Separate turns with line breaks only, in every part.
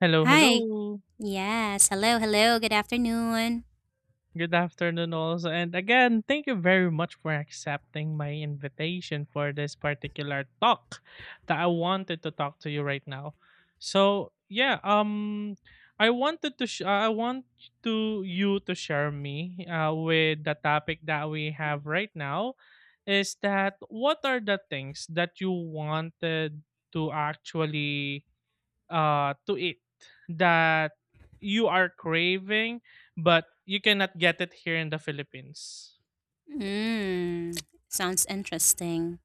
Hello,
Hi.
hello.
Yes. Hello. Hello. Good afternoon.
Good afternoon, also. And again, thank you very much for accepting my invitation for this particular talk that I wanted to talk to you right now. So I want to you to share me with the topic that we have right now is that what are the things that you wanted to actually to eat that you are craving, but you cannot get it here in the Philippines.
Mm, sounds interesting.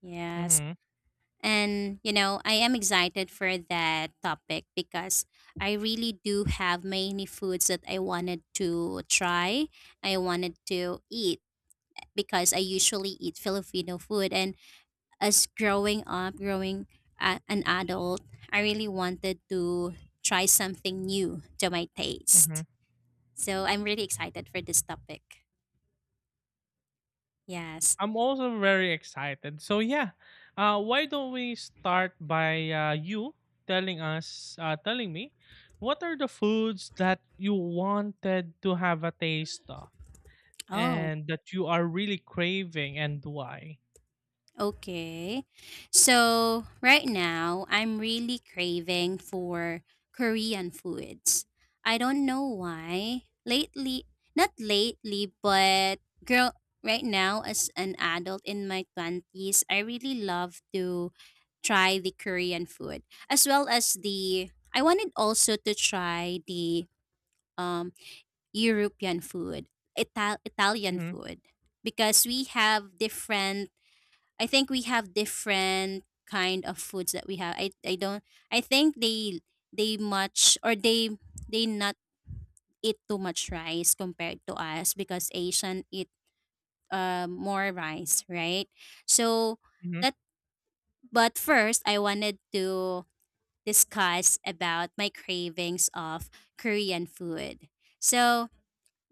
Yes.
Mm-hmm.
And, I am excited for that topic because I really do have many foods that I wanted to try. I wanted to eat because I usually eat Filipino food. And as growing up, growing an adult, I really wanted to try something new to my
Mm-hmm.
taste. So I'm really excited for this topic. Yes.
I'm also very excited. So yeah, why don't we start by you telling us, telling me, what are the foods that you wanted to have a taste of
Oh,
and that you are really craving and why?
okay. So right now, I'm really craving for Korean foods. I don't know why. Lately, not lately, but girl, right now, as an adult in my 20s, I really love to try the Korean food as well as the I wanted also to try the um European food, Italian
Mm-hmm,
food, because we have different. I think we have different kind of foods that we have. I don't. I think they much or they not eat too much rice compared to us because Asian eat more rice, right? So
mm-hmm,
that. But first, I wanted to discuss about my cravings of Korean food. So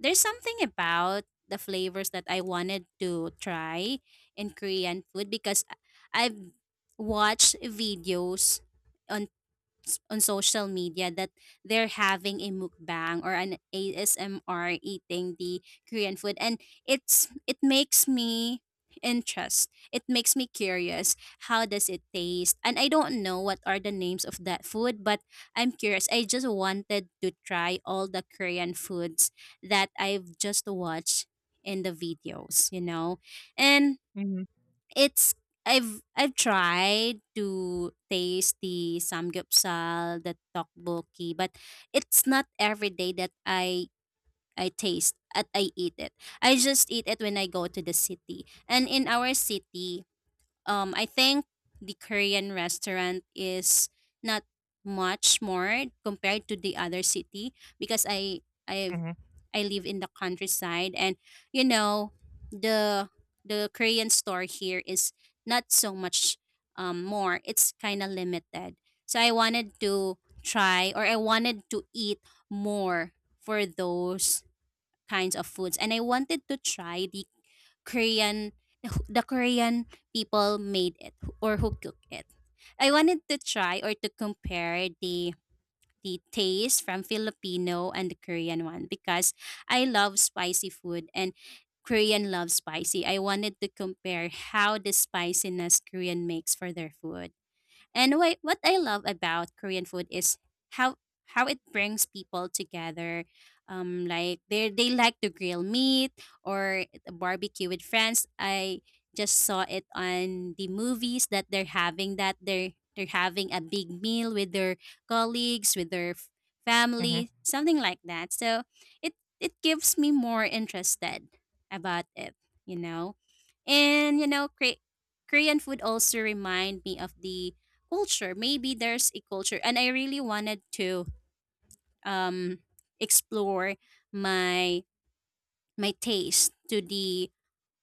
there's something about the flavors that I wanted to try in Korean food because I've watched videos on on social media that they're having a mukbang or an ASMR eating the Korean food and it's it makes me interest it makes me curious how does it taste, and I don't know what are the names of that food, but I'm curious. I just wanted to try all the Korean foods that I've just watched in the videos, you know. And
mm-hmm,
it's I've tried to taste the samgyeopsal, the tteokbokki, but it's not every day that I taste at I eat it. I just eat it when I go to the city. And in our city, I think the Korean restaurant is not much more compared to the other city because I
mm-hmm,
I live in the countryside, and you know the the Korean store here is not so much more. It's kind of limited. So I wanted to try or I wanted to eat more for those kinds of foods, and I wanted to try Korean the Korean people made it or who cooked it. I wanted to try or to compare the taste from Filipino and the Korean one because I love spicy food and Korean loves spicy. I wanted to compare how the spiciness Korean makes for their food. And why, what I love about Korean food is how how it brings people together. Like they like to grill meat or barbecue with friends. I just saw it on the movies that they're having that they're having a big meal with their colleagues, with their
mm-hmm,
family, something like that. So it gives me more interested about it, you know. And you know, Korean food also remind me of the culture. Maybe there's a culture, and I really wanted to um explore my my taste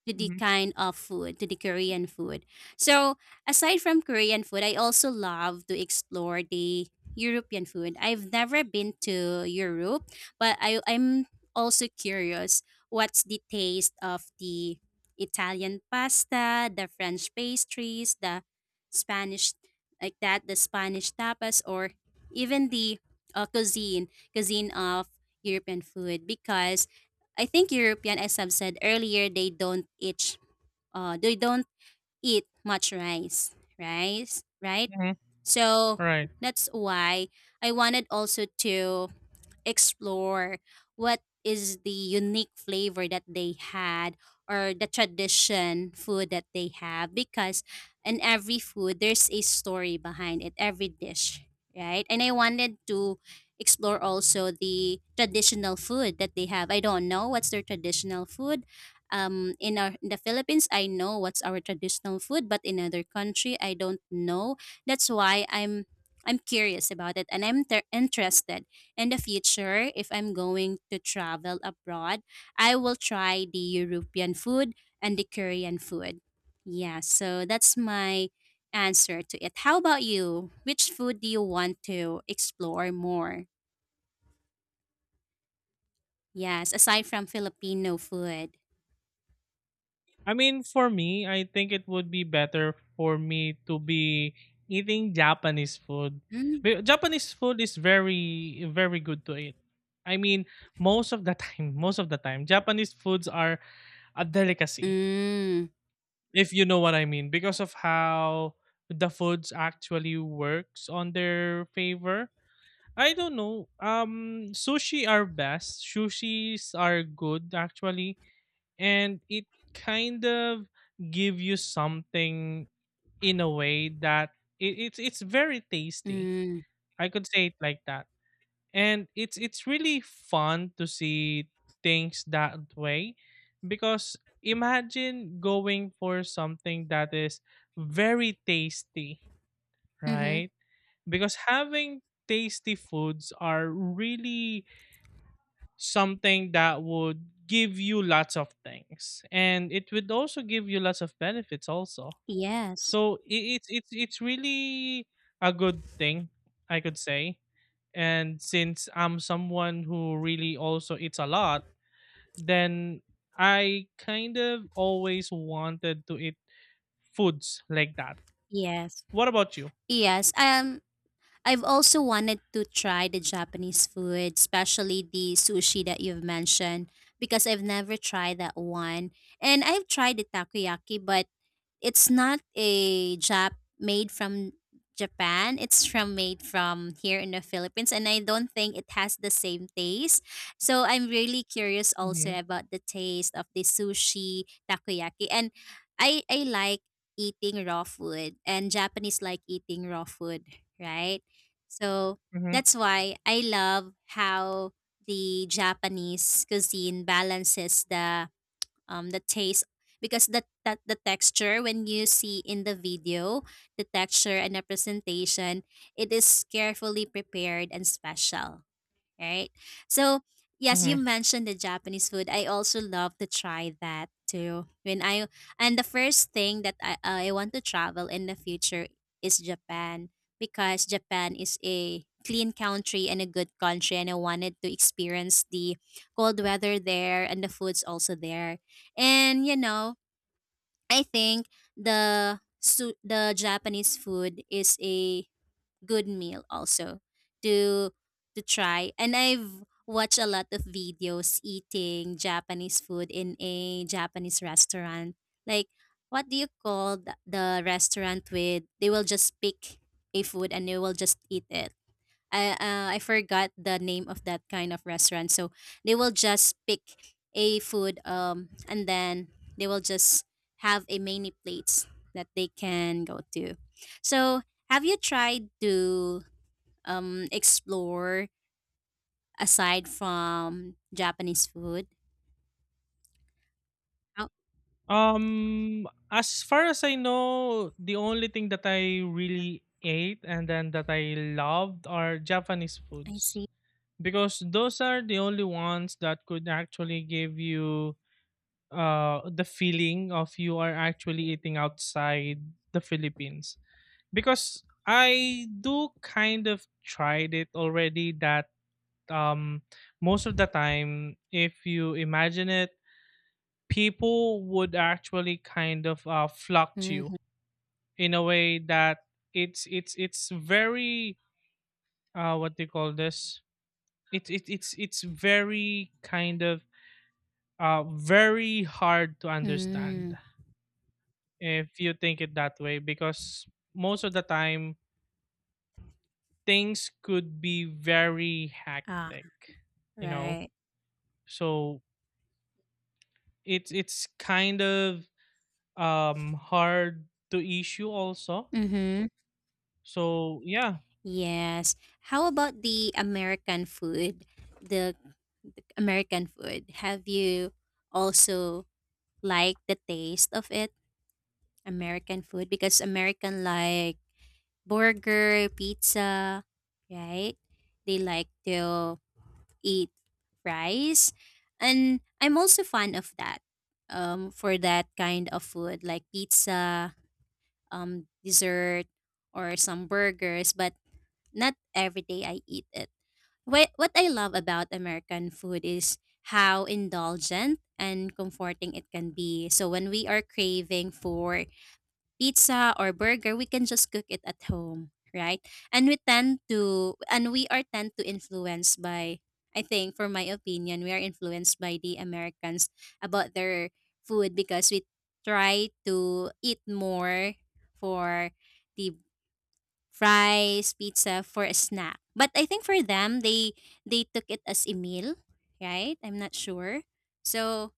to the
mm-hmm,
kind of food, to the Korean food. So, aside from Korean food, I also love to explore the European food. I've never been to Europe, but I'm also curious what's the taste of the Italian pasta, the French pastries, the Spanish, like that, the Spanish tapas, or even the cuisine of European food because I think European, as I've said earlier, they don't eat much rice, right?
mm-hmm.
So
Right.
that's why I wanted also to explore what is the unique flavor that they had or the tradition food that they have because in every food there's a story behind it every dish, right? And I wanted to explore also the traditional food that they have. I don't know what's their traditional food. In our in the Philippines I know what's our traditional food, but in other country I don't know. That's why I'm curious about it, and I'm interested in the future, if I'm going to travel abroad, I will try the European food and the Korean food. Yeah, so that's my answer to it. How about you? Which food do you want to explore more? Yes, aside from Filipino food.
I mean, for me, I think it would be better for me to be eating Japanese food.
Mm.
Japanese food is very, very good to eat. I mean, most of the time, most of the time, Japanese foods are a delicacy,
Mm.
if you know what I mean, because of how the foods actually works on their favor. I don't know. Sushi are best. Sushis are good actually and it kind of give you something in a way that it's it's very tasty
Mm.
I could say it like that, and it's really fun to see things that way, because imagine going for something that is very tasty,
Mm-hmm.
right? Because having tasty foods are really something that would give you lots of things, and it would also give you lots of benefits also.
Yes.
So it's really a good thing I could say, and since I'm someone who really also eats a lot, then I kind of always wanted to eat foods like that.
Yes.
What about you?
Yes. I've also wanted to try the Japanese food, especially the sushi that you've mentioned, because I've never tried that one. And I've tried the takoyaki, but it's not a jap made from Japan. It's from made from here in the Philippines, and I don't think it has the same taste. So I'm really curious also
Mm-hmm,
about the taste of the sushi takoyaki, and I like eating raw food, and Japanese like eating raw food, right? So
mm-hmm,
that's why I love how the Japanese cuisine balances the taste because the that the texture when you see in the video the texture and the presentation it is carefully prepared and special, right? So, yes, you
mm-hmm.
mentioned the Japanese food. I also love to try that too. When I and the first thing that I want to travel in the future is Japan because Japan is a clean country and a good country, and I wanted to experience the cold weather there and the food's also there. And you know, I think the the Japanese food is a good meal also to to try, and I've watched a lot of videos eating Japanese food in a Japanese restaurant, like what do you call the restaurant with they will just pick a food and they will just eat it. I forgot the name of that kind of restaurant. So they will just pick a food and then they will just have a many plates that they can go to. So have you tried to explore aside from Japanese food? Oh,
As far as I know, the only thing that I really ate and then that I loved are Japanese
I
foods
see.
because those are the only ones that could actually give you the feeling of you are actually eating outside the Philippines. Because I do kind of tried it already that um most of the time, if you imagine it, people would actually kind of flock to you
Mm-hmm.
in a way that it's very uh, what they call this, it's it's very kind of very hard to understand
Mm.
if you think it that way, because most of the time things could be very
Ah,
hectic, you know.
right.
So it's kind of hard to issue also.
Mm-hmm.
So yeah.
Yes. How about the American food? The American food, have you also liked the taste of it? American food because American like burger, pizza, right? They like to eat fries. And I'm also fan of that. For that kind of food like pizza, dessert or some burgers, but not every day I eat it. What I love about American food is how indulgent and comforting it can be. So when we are craving for pizza or burger, we can just cook it at home, right? And we tend to and we are tend to influenced by I think for my opinion, we are influenced by the Americans about their food because we try to eat more for the fries, pizza for a snack. But I think for them they took it as a meal, right? I'm not sure. So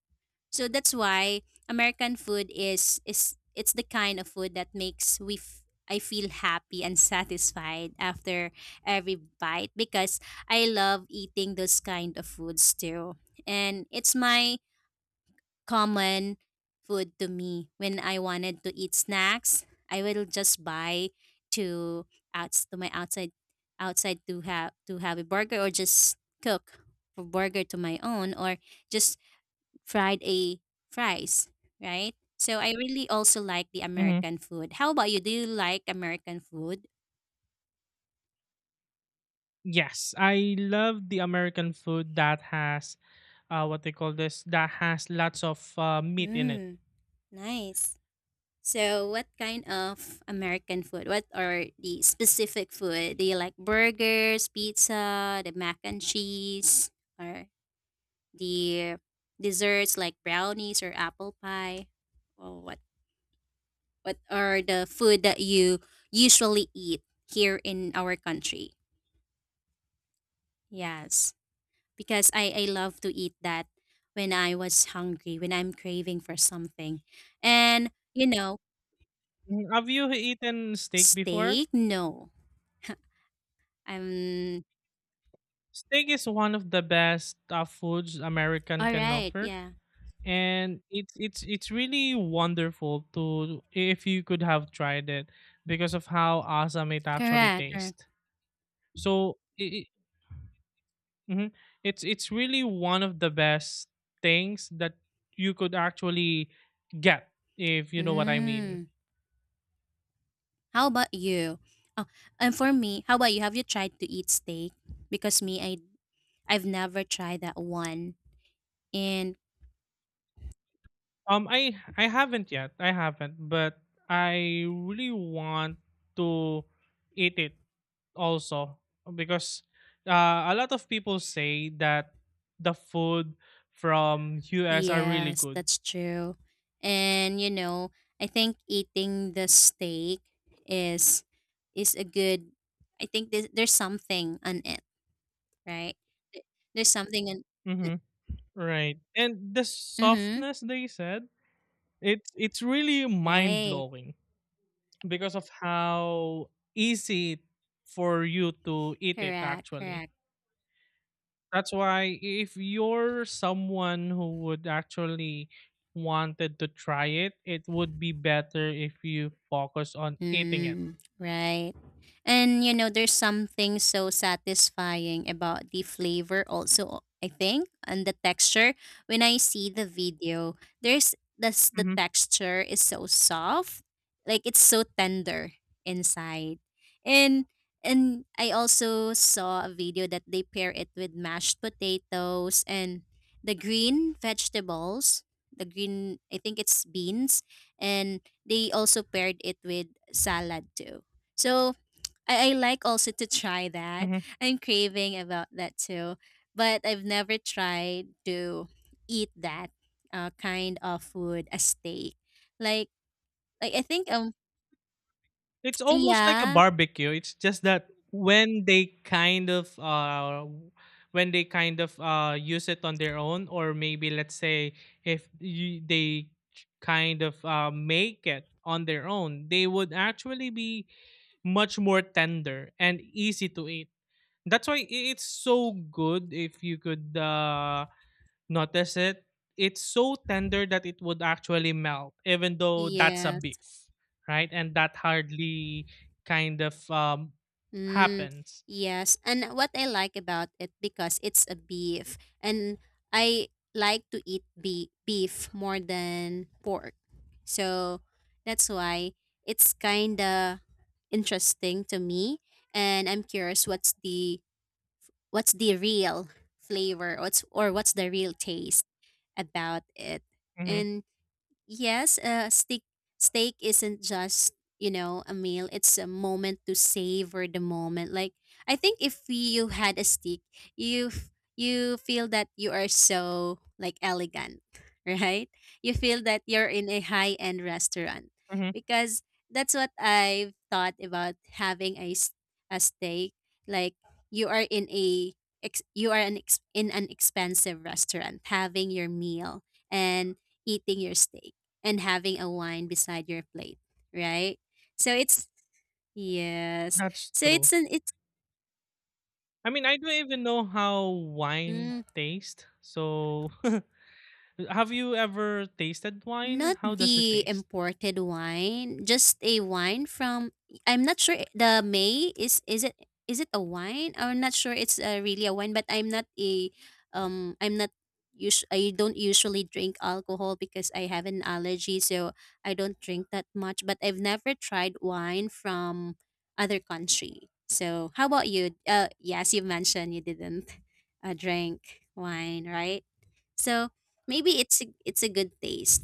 so that's why American food is it's the kind of food that makes we I feel happy and satisfied after every bite because I love eating those kind of foods too. And it's my common food to me. When I wanted to eat snacks, I will just buy to outs to my outside outside to have a burger, or just cook a burger to my own, or just fried a fries, right? So I really also like the
Mhm.
American food. How about you? Do you like American food?
Yes, I love the American food that has uh, what they call this, that has lots of meat in it.
Mm, nice. So, what kind of American food? What are the specific food? Do you like burgers, pizza, the mac and cheese, or the desserts like brownies or apple pie? Or what are the food that you usually eat here in our country? Yes, because I love to eat that when I was hungry, when I'm craving for something. And you know,
Mm, have you eaten steak before?
steak? No. I'm
Steak is one of the best foods American can
alright,
offer,
yeah.
and it's really wonderful to if you could have tried it because of how awesome it actually
Correct, correct.
tastes. So. I hmm it's really one of the best things that you could actually get if you know what I mean.
Mm. How about you? Oh, and for me, how about you? Have you tried to eat steak? Because me, I've never tried that one. And
I haven't yet. I haven't, but I really want to eat it also because a lot of people say that the food from US are really
yes,
good.
that's true. And you know, I think eating the steak is is a good. I think there's something on it, right? There's something in.
Mm-hmm. Right. And the
Mm-hmm.
softness they said, it's really mind
Right.
blowing because of how easy for you to eat it
Correct.
actually.
Correct.
That's why if you're someone who would actually wanted to try it, it would be better if you focus on eating it.
Mm, right. And you know, there's something so satisfying about the flavor also, I think, and the texture. When I see the video, there's this the texture is so soft, like it's so tender inside. And and I also saw a video that they pair it with mashed potatoes and the green vegetables, the green I think it's beans and they also paired it with salad too. So I like also to try that.
Mm-hmm.
I'm craving about that too. But I've never tried to eat that kind of food, a steak. Like like I think
It's almost like a
yeah.
barbecue. It's just that when they kind of uh, use it on their own, or maybe let's say if they kind of make it on their own, they would actually be much more tender and easy to eat. That's why it's so good if you could notice it. It's so tender that it would actually melt, even though that's a
Yes.
beef, right? And that hardly kind of
Mm,
happens.
yes. And what I like about it because it's a beef and I like to eat beef more than pork. So that's why it's kind of interesting to me, and I'm curious what's the real flavor what's or what's the real taste about it.
hmm
And yes, steak isn't just a meal; it's a moment to savor the moment. Like I think if you had a steak, you feel that you are so like elegant, right? You feel that you're in a high end restaurant
hmm
because that's what I've thought about having a steak. Like you are in you are an ex- in an expensive restaurant having your meal and eating your steak and having a wine beside your plate, right? So it's yes.
That's
So
true.
it's an it's
I mean, I don't even know how wine
mm.
tastes. So, have you ever tasted wine?
Not
How does it
the
taste?
imported wine, just a wine from I'm not sure the May is it a wine? I'm not sure it's really a wine, but I'm not a I'm not us- I don't usually drink alcohol because I have an allergy, so I don't drink that much, but I've never tried wine from other country. So, how about you? Yes, you mentioned you didn't a drink, wine, right? So maybe it's a good taste.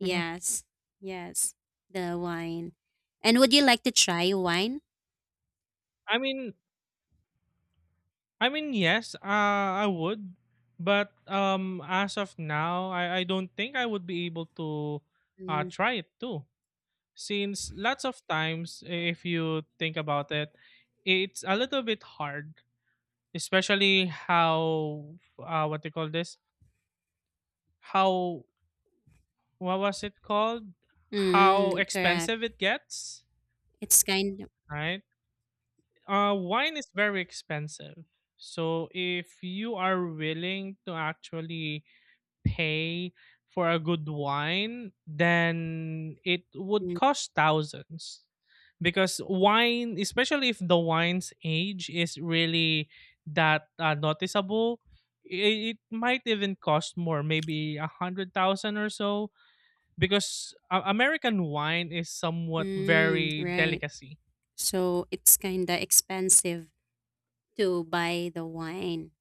hmm
yes, the wine. And would you like to try wine?
I mean, I mean, yes, I would, but as of now, I don't think I would be able to
Mm,
try it too. Since lots of times if you think about it, it's a little bit hard, especially how what they call this how what was it called how
mm, correct.
expensive it gets,
It's kind of
right? Wine is very expensive, so if you are willing to actually pay for a good wine, then it would
mm,
cost thousands. Because wine, especially if the wine's age is really that noticeable, it might even cost more, maybe a hundred thousand or so. Because American wine is somewhat
mm,
very
right.
delicacy.
So it's kind of expensive to buy the wine.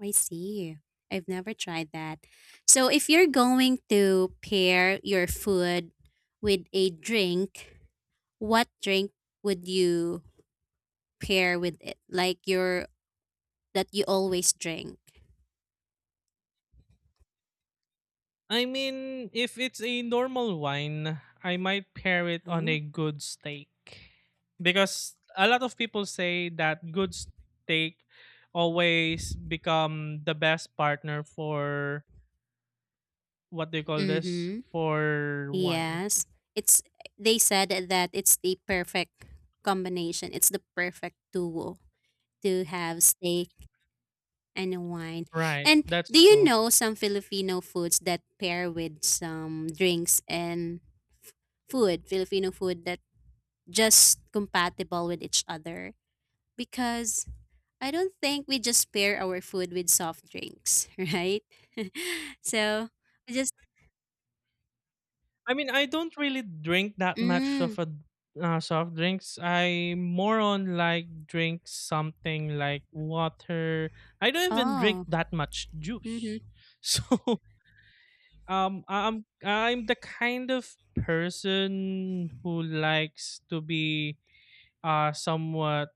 I see. I've never tried that. So if you're going to pair your food with a drink, what drink would you pair with it, like your that you always drink.
I mean, if it's a normal wine, I might pair it on
Oh.
a good steak. Because a lot of people say that good steak always become the best partner for what they call this?
Mm-hmm.
For wine.
Yes. It's they said that it's the perfect combination. It's the perfect duo to have steak and wine.
Right.
And do
That's
you
true.
know some Filipino foods that pair with some drinks and f- food, Filipino food that just compatible with each other? Because I don't think we just pair our food with soft drinks, right? So I just
I mean, I don't really drink that much
mm
of a soft drinks. I more on like drink something like water. I don't even drink
oh
that much
mm-hmm.
juice. So I'm the kind of person who likes to be somewhat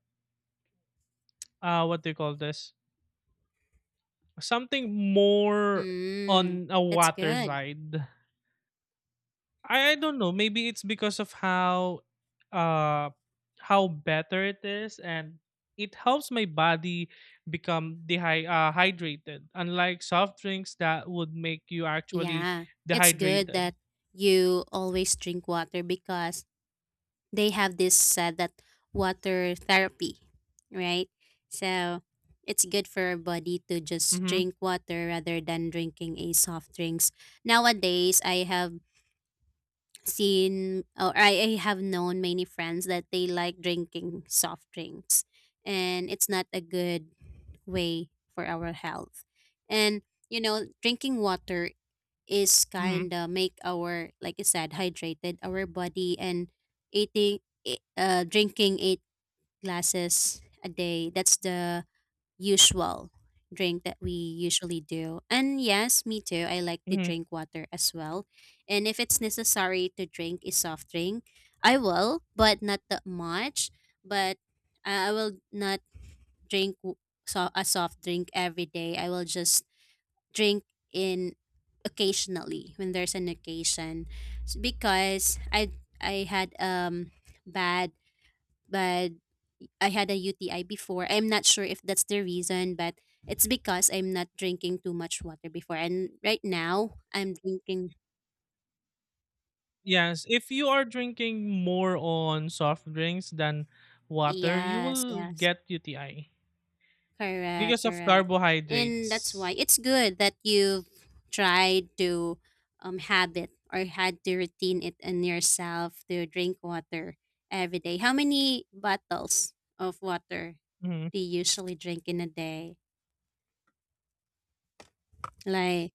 what do you call this? Something more
Mm,
on a
that's
water
good.
side. I don't know. Maybe it's because of uh how better it is, and it helps my body become hydrated, unlike soft drinks that would make you actually
Yeah, it's good
dehydrated.
that you always drink water because they have this said that water therapy, right? So it's good for our body to just
Mhm.
drink water rather than drinking a soft drinks. Nowadays, I have seen or I have known many friends that they like drinking soft drinks and it's not a good way for our health and you know drinking water is
Mhm.
kind of make our like I said hydrated our body and eating drinking eight glasses a day, that's the usual drink that we usually do. And yes, me too. I like to
Mhm.
drink water as well. And if it's necessary to drink a soft drink, I will, but not that much. But I will not drink w- so a soft drink every day. I will just drink in occasionally when there's an occasion because I had bad bad I had a UTI before. I'm not sure if that's the reason, but it's because I'm not drinking too much water before. And right now, I'm drinking.
Yes, if you are drinking more on soft drinks than water, you
Yes,
will
yes.
get UTI
Correct,
because of
correct. And that's why
carbohydrates.
it's good that you've tried to habit or had to routine it in yourself to drink water every day. How many bottles of water
Mm-hmm.
do you usually drink in a day? Like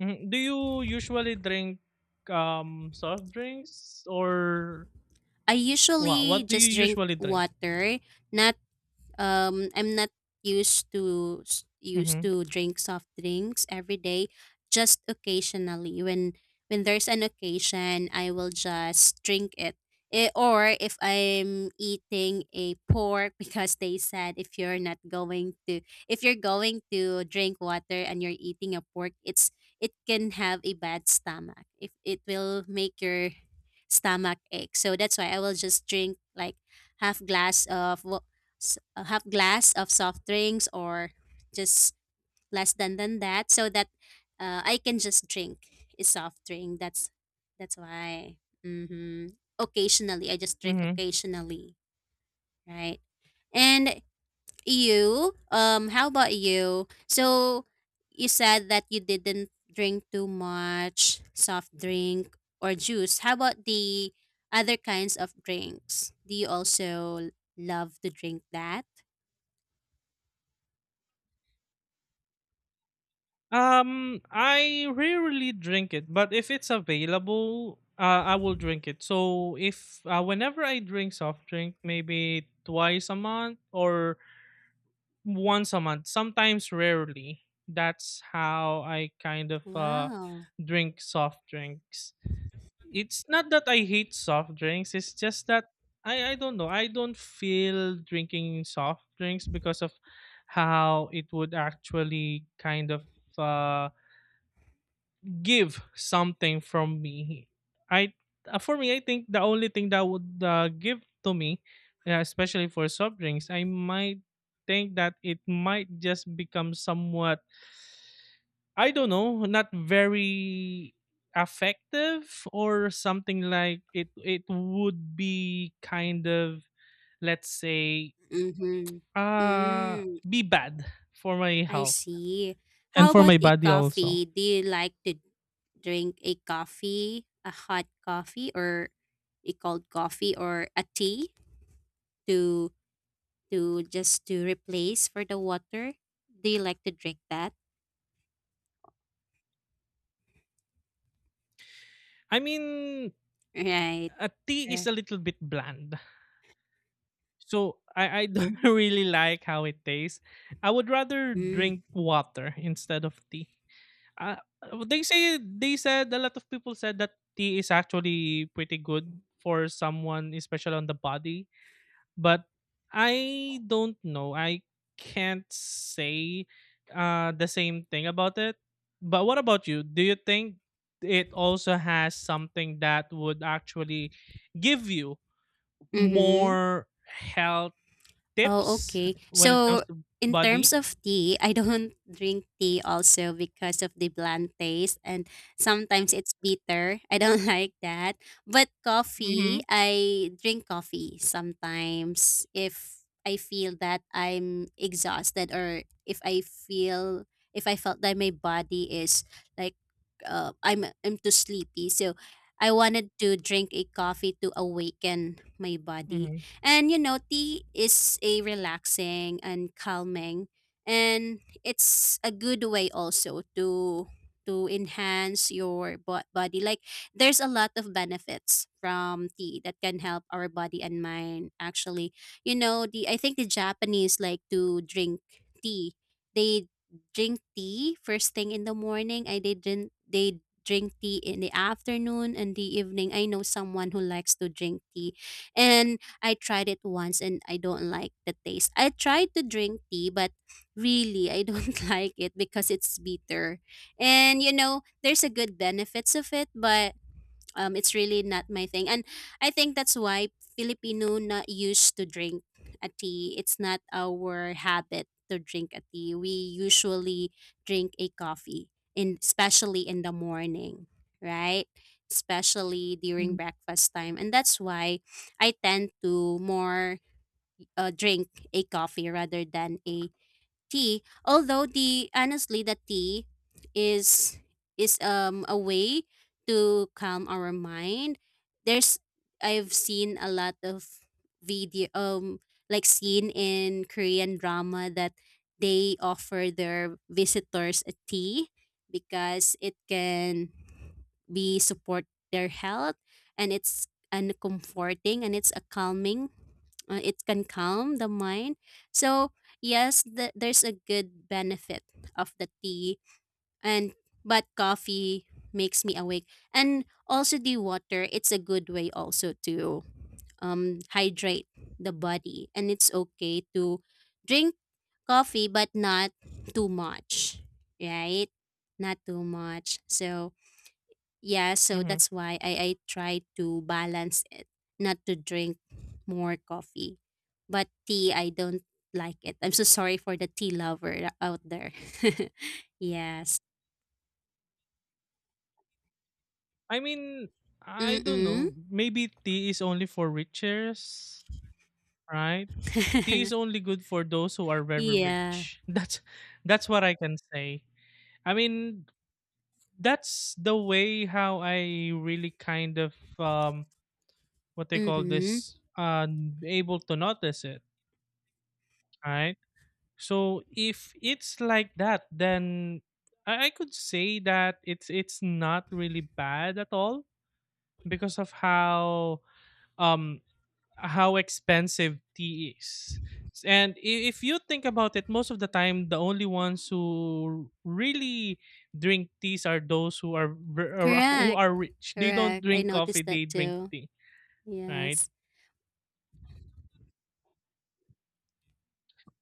Mhm. Do you usually drink soft drinks or
I
what?
usually
What do you
just drink
usually drink?
water not I'm not used
Mhm.
to drink soft drinks every day, just occasionally when there's an occasion I will just drink it. Eh, or if I'm eating a pork because they said if you're not going to if you're going to drink water and you're eating a pork it's it can have a bad stomach if it will make your stomach ache, so that's why I will just drink like half glass of wa- s- a half glass of soft drinks or just less than that so that I can just drink a soft drink. That's why. Mm-hmm. Occasionally, I just drink
Mhm.
occasionally, right? And you, how about you? So you said that you didn't drink too much soft drink or juice. How about the other kinds of drinks? Do you also love to drink that?
I rarely drink it, but if it's available, I will drink it. So if whenever I drink soft drink, maybe twice a month or once a month, sometimes rarely. That's how I kind of
Wow.
drink soft drinks. It's not that I hate soft drinks, it's just that I don't know. I don't feel drinking soft drinks because of how it would actually kind of uh, give something from me. I for me, I think the only thing that would give to me, especially for soft drinks, I might think that it might just become somewhat I don't know, not very effective, or something like it would be kind of let's say
Mhm.
uh
Mm,
be bad for my
I
health
see. How
and for
about
my
a
body also.
coffee? Do you like to drink a coffee, a hot coffee or a cold coffee or a tea to to just to replace for the water? Do you like to drink that?
I mean
Right.
A tea is
Correct.
a little bit bland. So I don't really like how it tastes. I would rather
Mm.
drink water instead of tea. Uh, they say they said a lot of people said that tea is actually pretty good for someone, especially on the body. But I don't know. I can't say the same thing about it. But what about you? Do you think it also has something that would actually give you
Mhm.
more health
Oh,
tips
okay.
when it comes
So
to
in terms
body.
of tea, I don't drink tea also because of the bland taste and sometimes it's bitter. I don't like that. But coffee,
Mhm,
I drink coffee sometimes if I feel that I'm exhausted or if I feel if I felt that my body is like I'm too sleepy. So I wanted to drink a coffee to awaken my body.
mhm,
And you know, tea is a relaxing and calming and it's a good way also to enhance your body. Like there's a lot of benefits from tea that can help our body and mind actually. You know, the I think the Japanese like to drink tea. They drink tea first thing in the morning. I they drink tea in the afternoon and the evening. I know someone who likes to drink tea. And I tried it once and I don't like the taste. I tried to drink tea, but really I don't like it because it's bitter. And you know, there's a good benefits of it, but it's really not my thing. And I think that's why Filipino not used to drink a tea. It's not our habit to drink a tea. We usually drink a coffee, in especially in the morning, right? Especially during breakfast time, and that's why I tend to more drink a coffee rather than a tea, although the honestly the tea is is a way to calm our mind. There's I've seen a lot of video like seen in Korean drama that they offer their visitors a tea because it can be support their health and it's and comforting and it's a calming it can calm the mind so yes, there's a good benefit of the tea and but coffee makes me awake. And also the water, it's a good way also to hydrate the body, and it's okay to drink coffee but not too much, right? Not too much. So yeah, so
mhm.
that's why I try to balance it, not to drink more coffee. But tea, I don't like it. I'm so sorry for the tea lover out there. Yes.
I mean, I don't
Mm-mm.
know. Maybe tea is only for riches, right? Tea is only good for those who are very
Yeah.
rich. That's what I can say. I mean, that's the way how I really kind of um what they call
Mm-hmm.
this uh able to notice it, right? So if it's like that, then I could say that it's not really bad at all because of um how expensive tea is. And if you think about it, most of the time, the only ones who really drink teas are those who are ver- or who
Correct.
are rich. They don't
Correct. I
drink
noticed
coffee;
that
they drink
too.
tea, right?
Yes.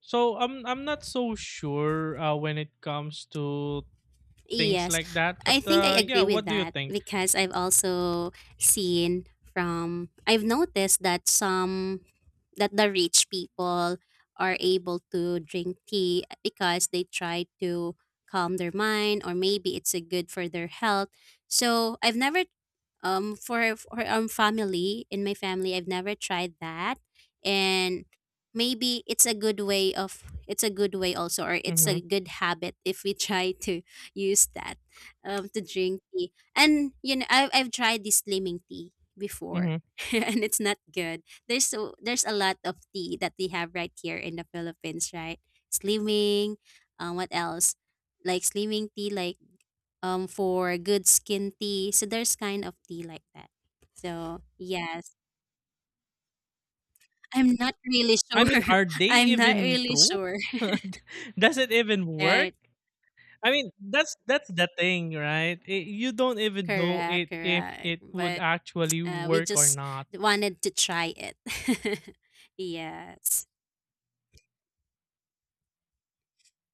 So I'm not so sure when it comes to things
Yes.
like that.
I
But
think I
yeah,
agree with
what do you
that
think?
because I've also seen from I've noticed that some that the rich people are able to drink tea because they try to calm their mind or maybe it's a good for their health, so I've never for family in my family I've never tried that and maybe it's a good way of it's a good way also or it's
hmm
a good habit if we try to use that to drink tea. And you know I've tried this slimming tea before
hmm
and it's not good. There's so there's a lot of tea that we have right here in the Philippines, right? Slimming, what else? Like slimming tea, like for good skin tea. So there's kind of tea like that. So yes, I'm not really
I
sure.
mean, are they
I'm not
even
really
true?
sure.
Does it even work?
Right?
I mean, that's the thing, right? You don't even know
Correct,
it if
correct.
it would
But
actually
we
work or
just
not.
wanted to try it. Yes.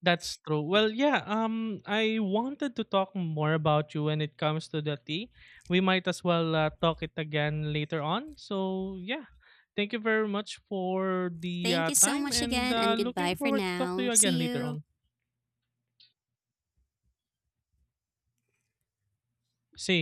That's true. Well, yeah. I wanted to talk more about you when it comes to the tea. We might as well talk it again later on. So yeah, thank you very much for the
Thank you so
time,
much
and
again, and
looking
goodbye for
forward to talk to
now.
you again
See
later
you.
on. Sim,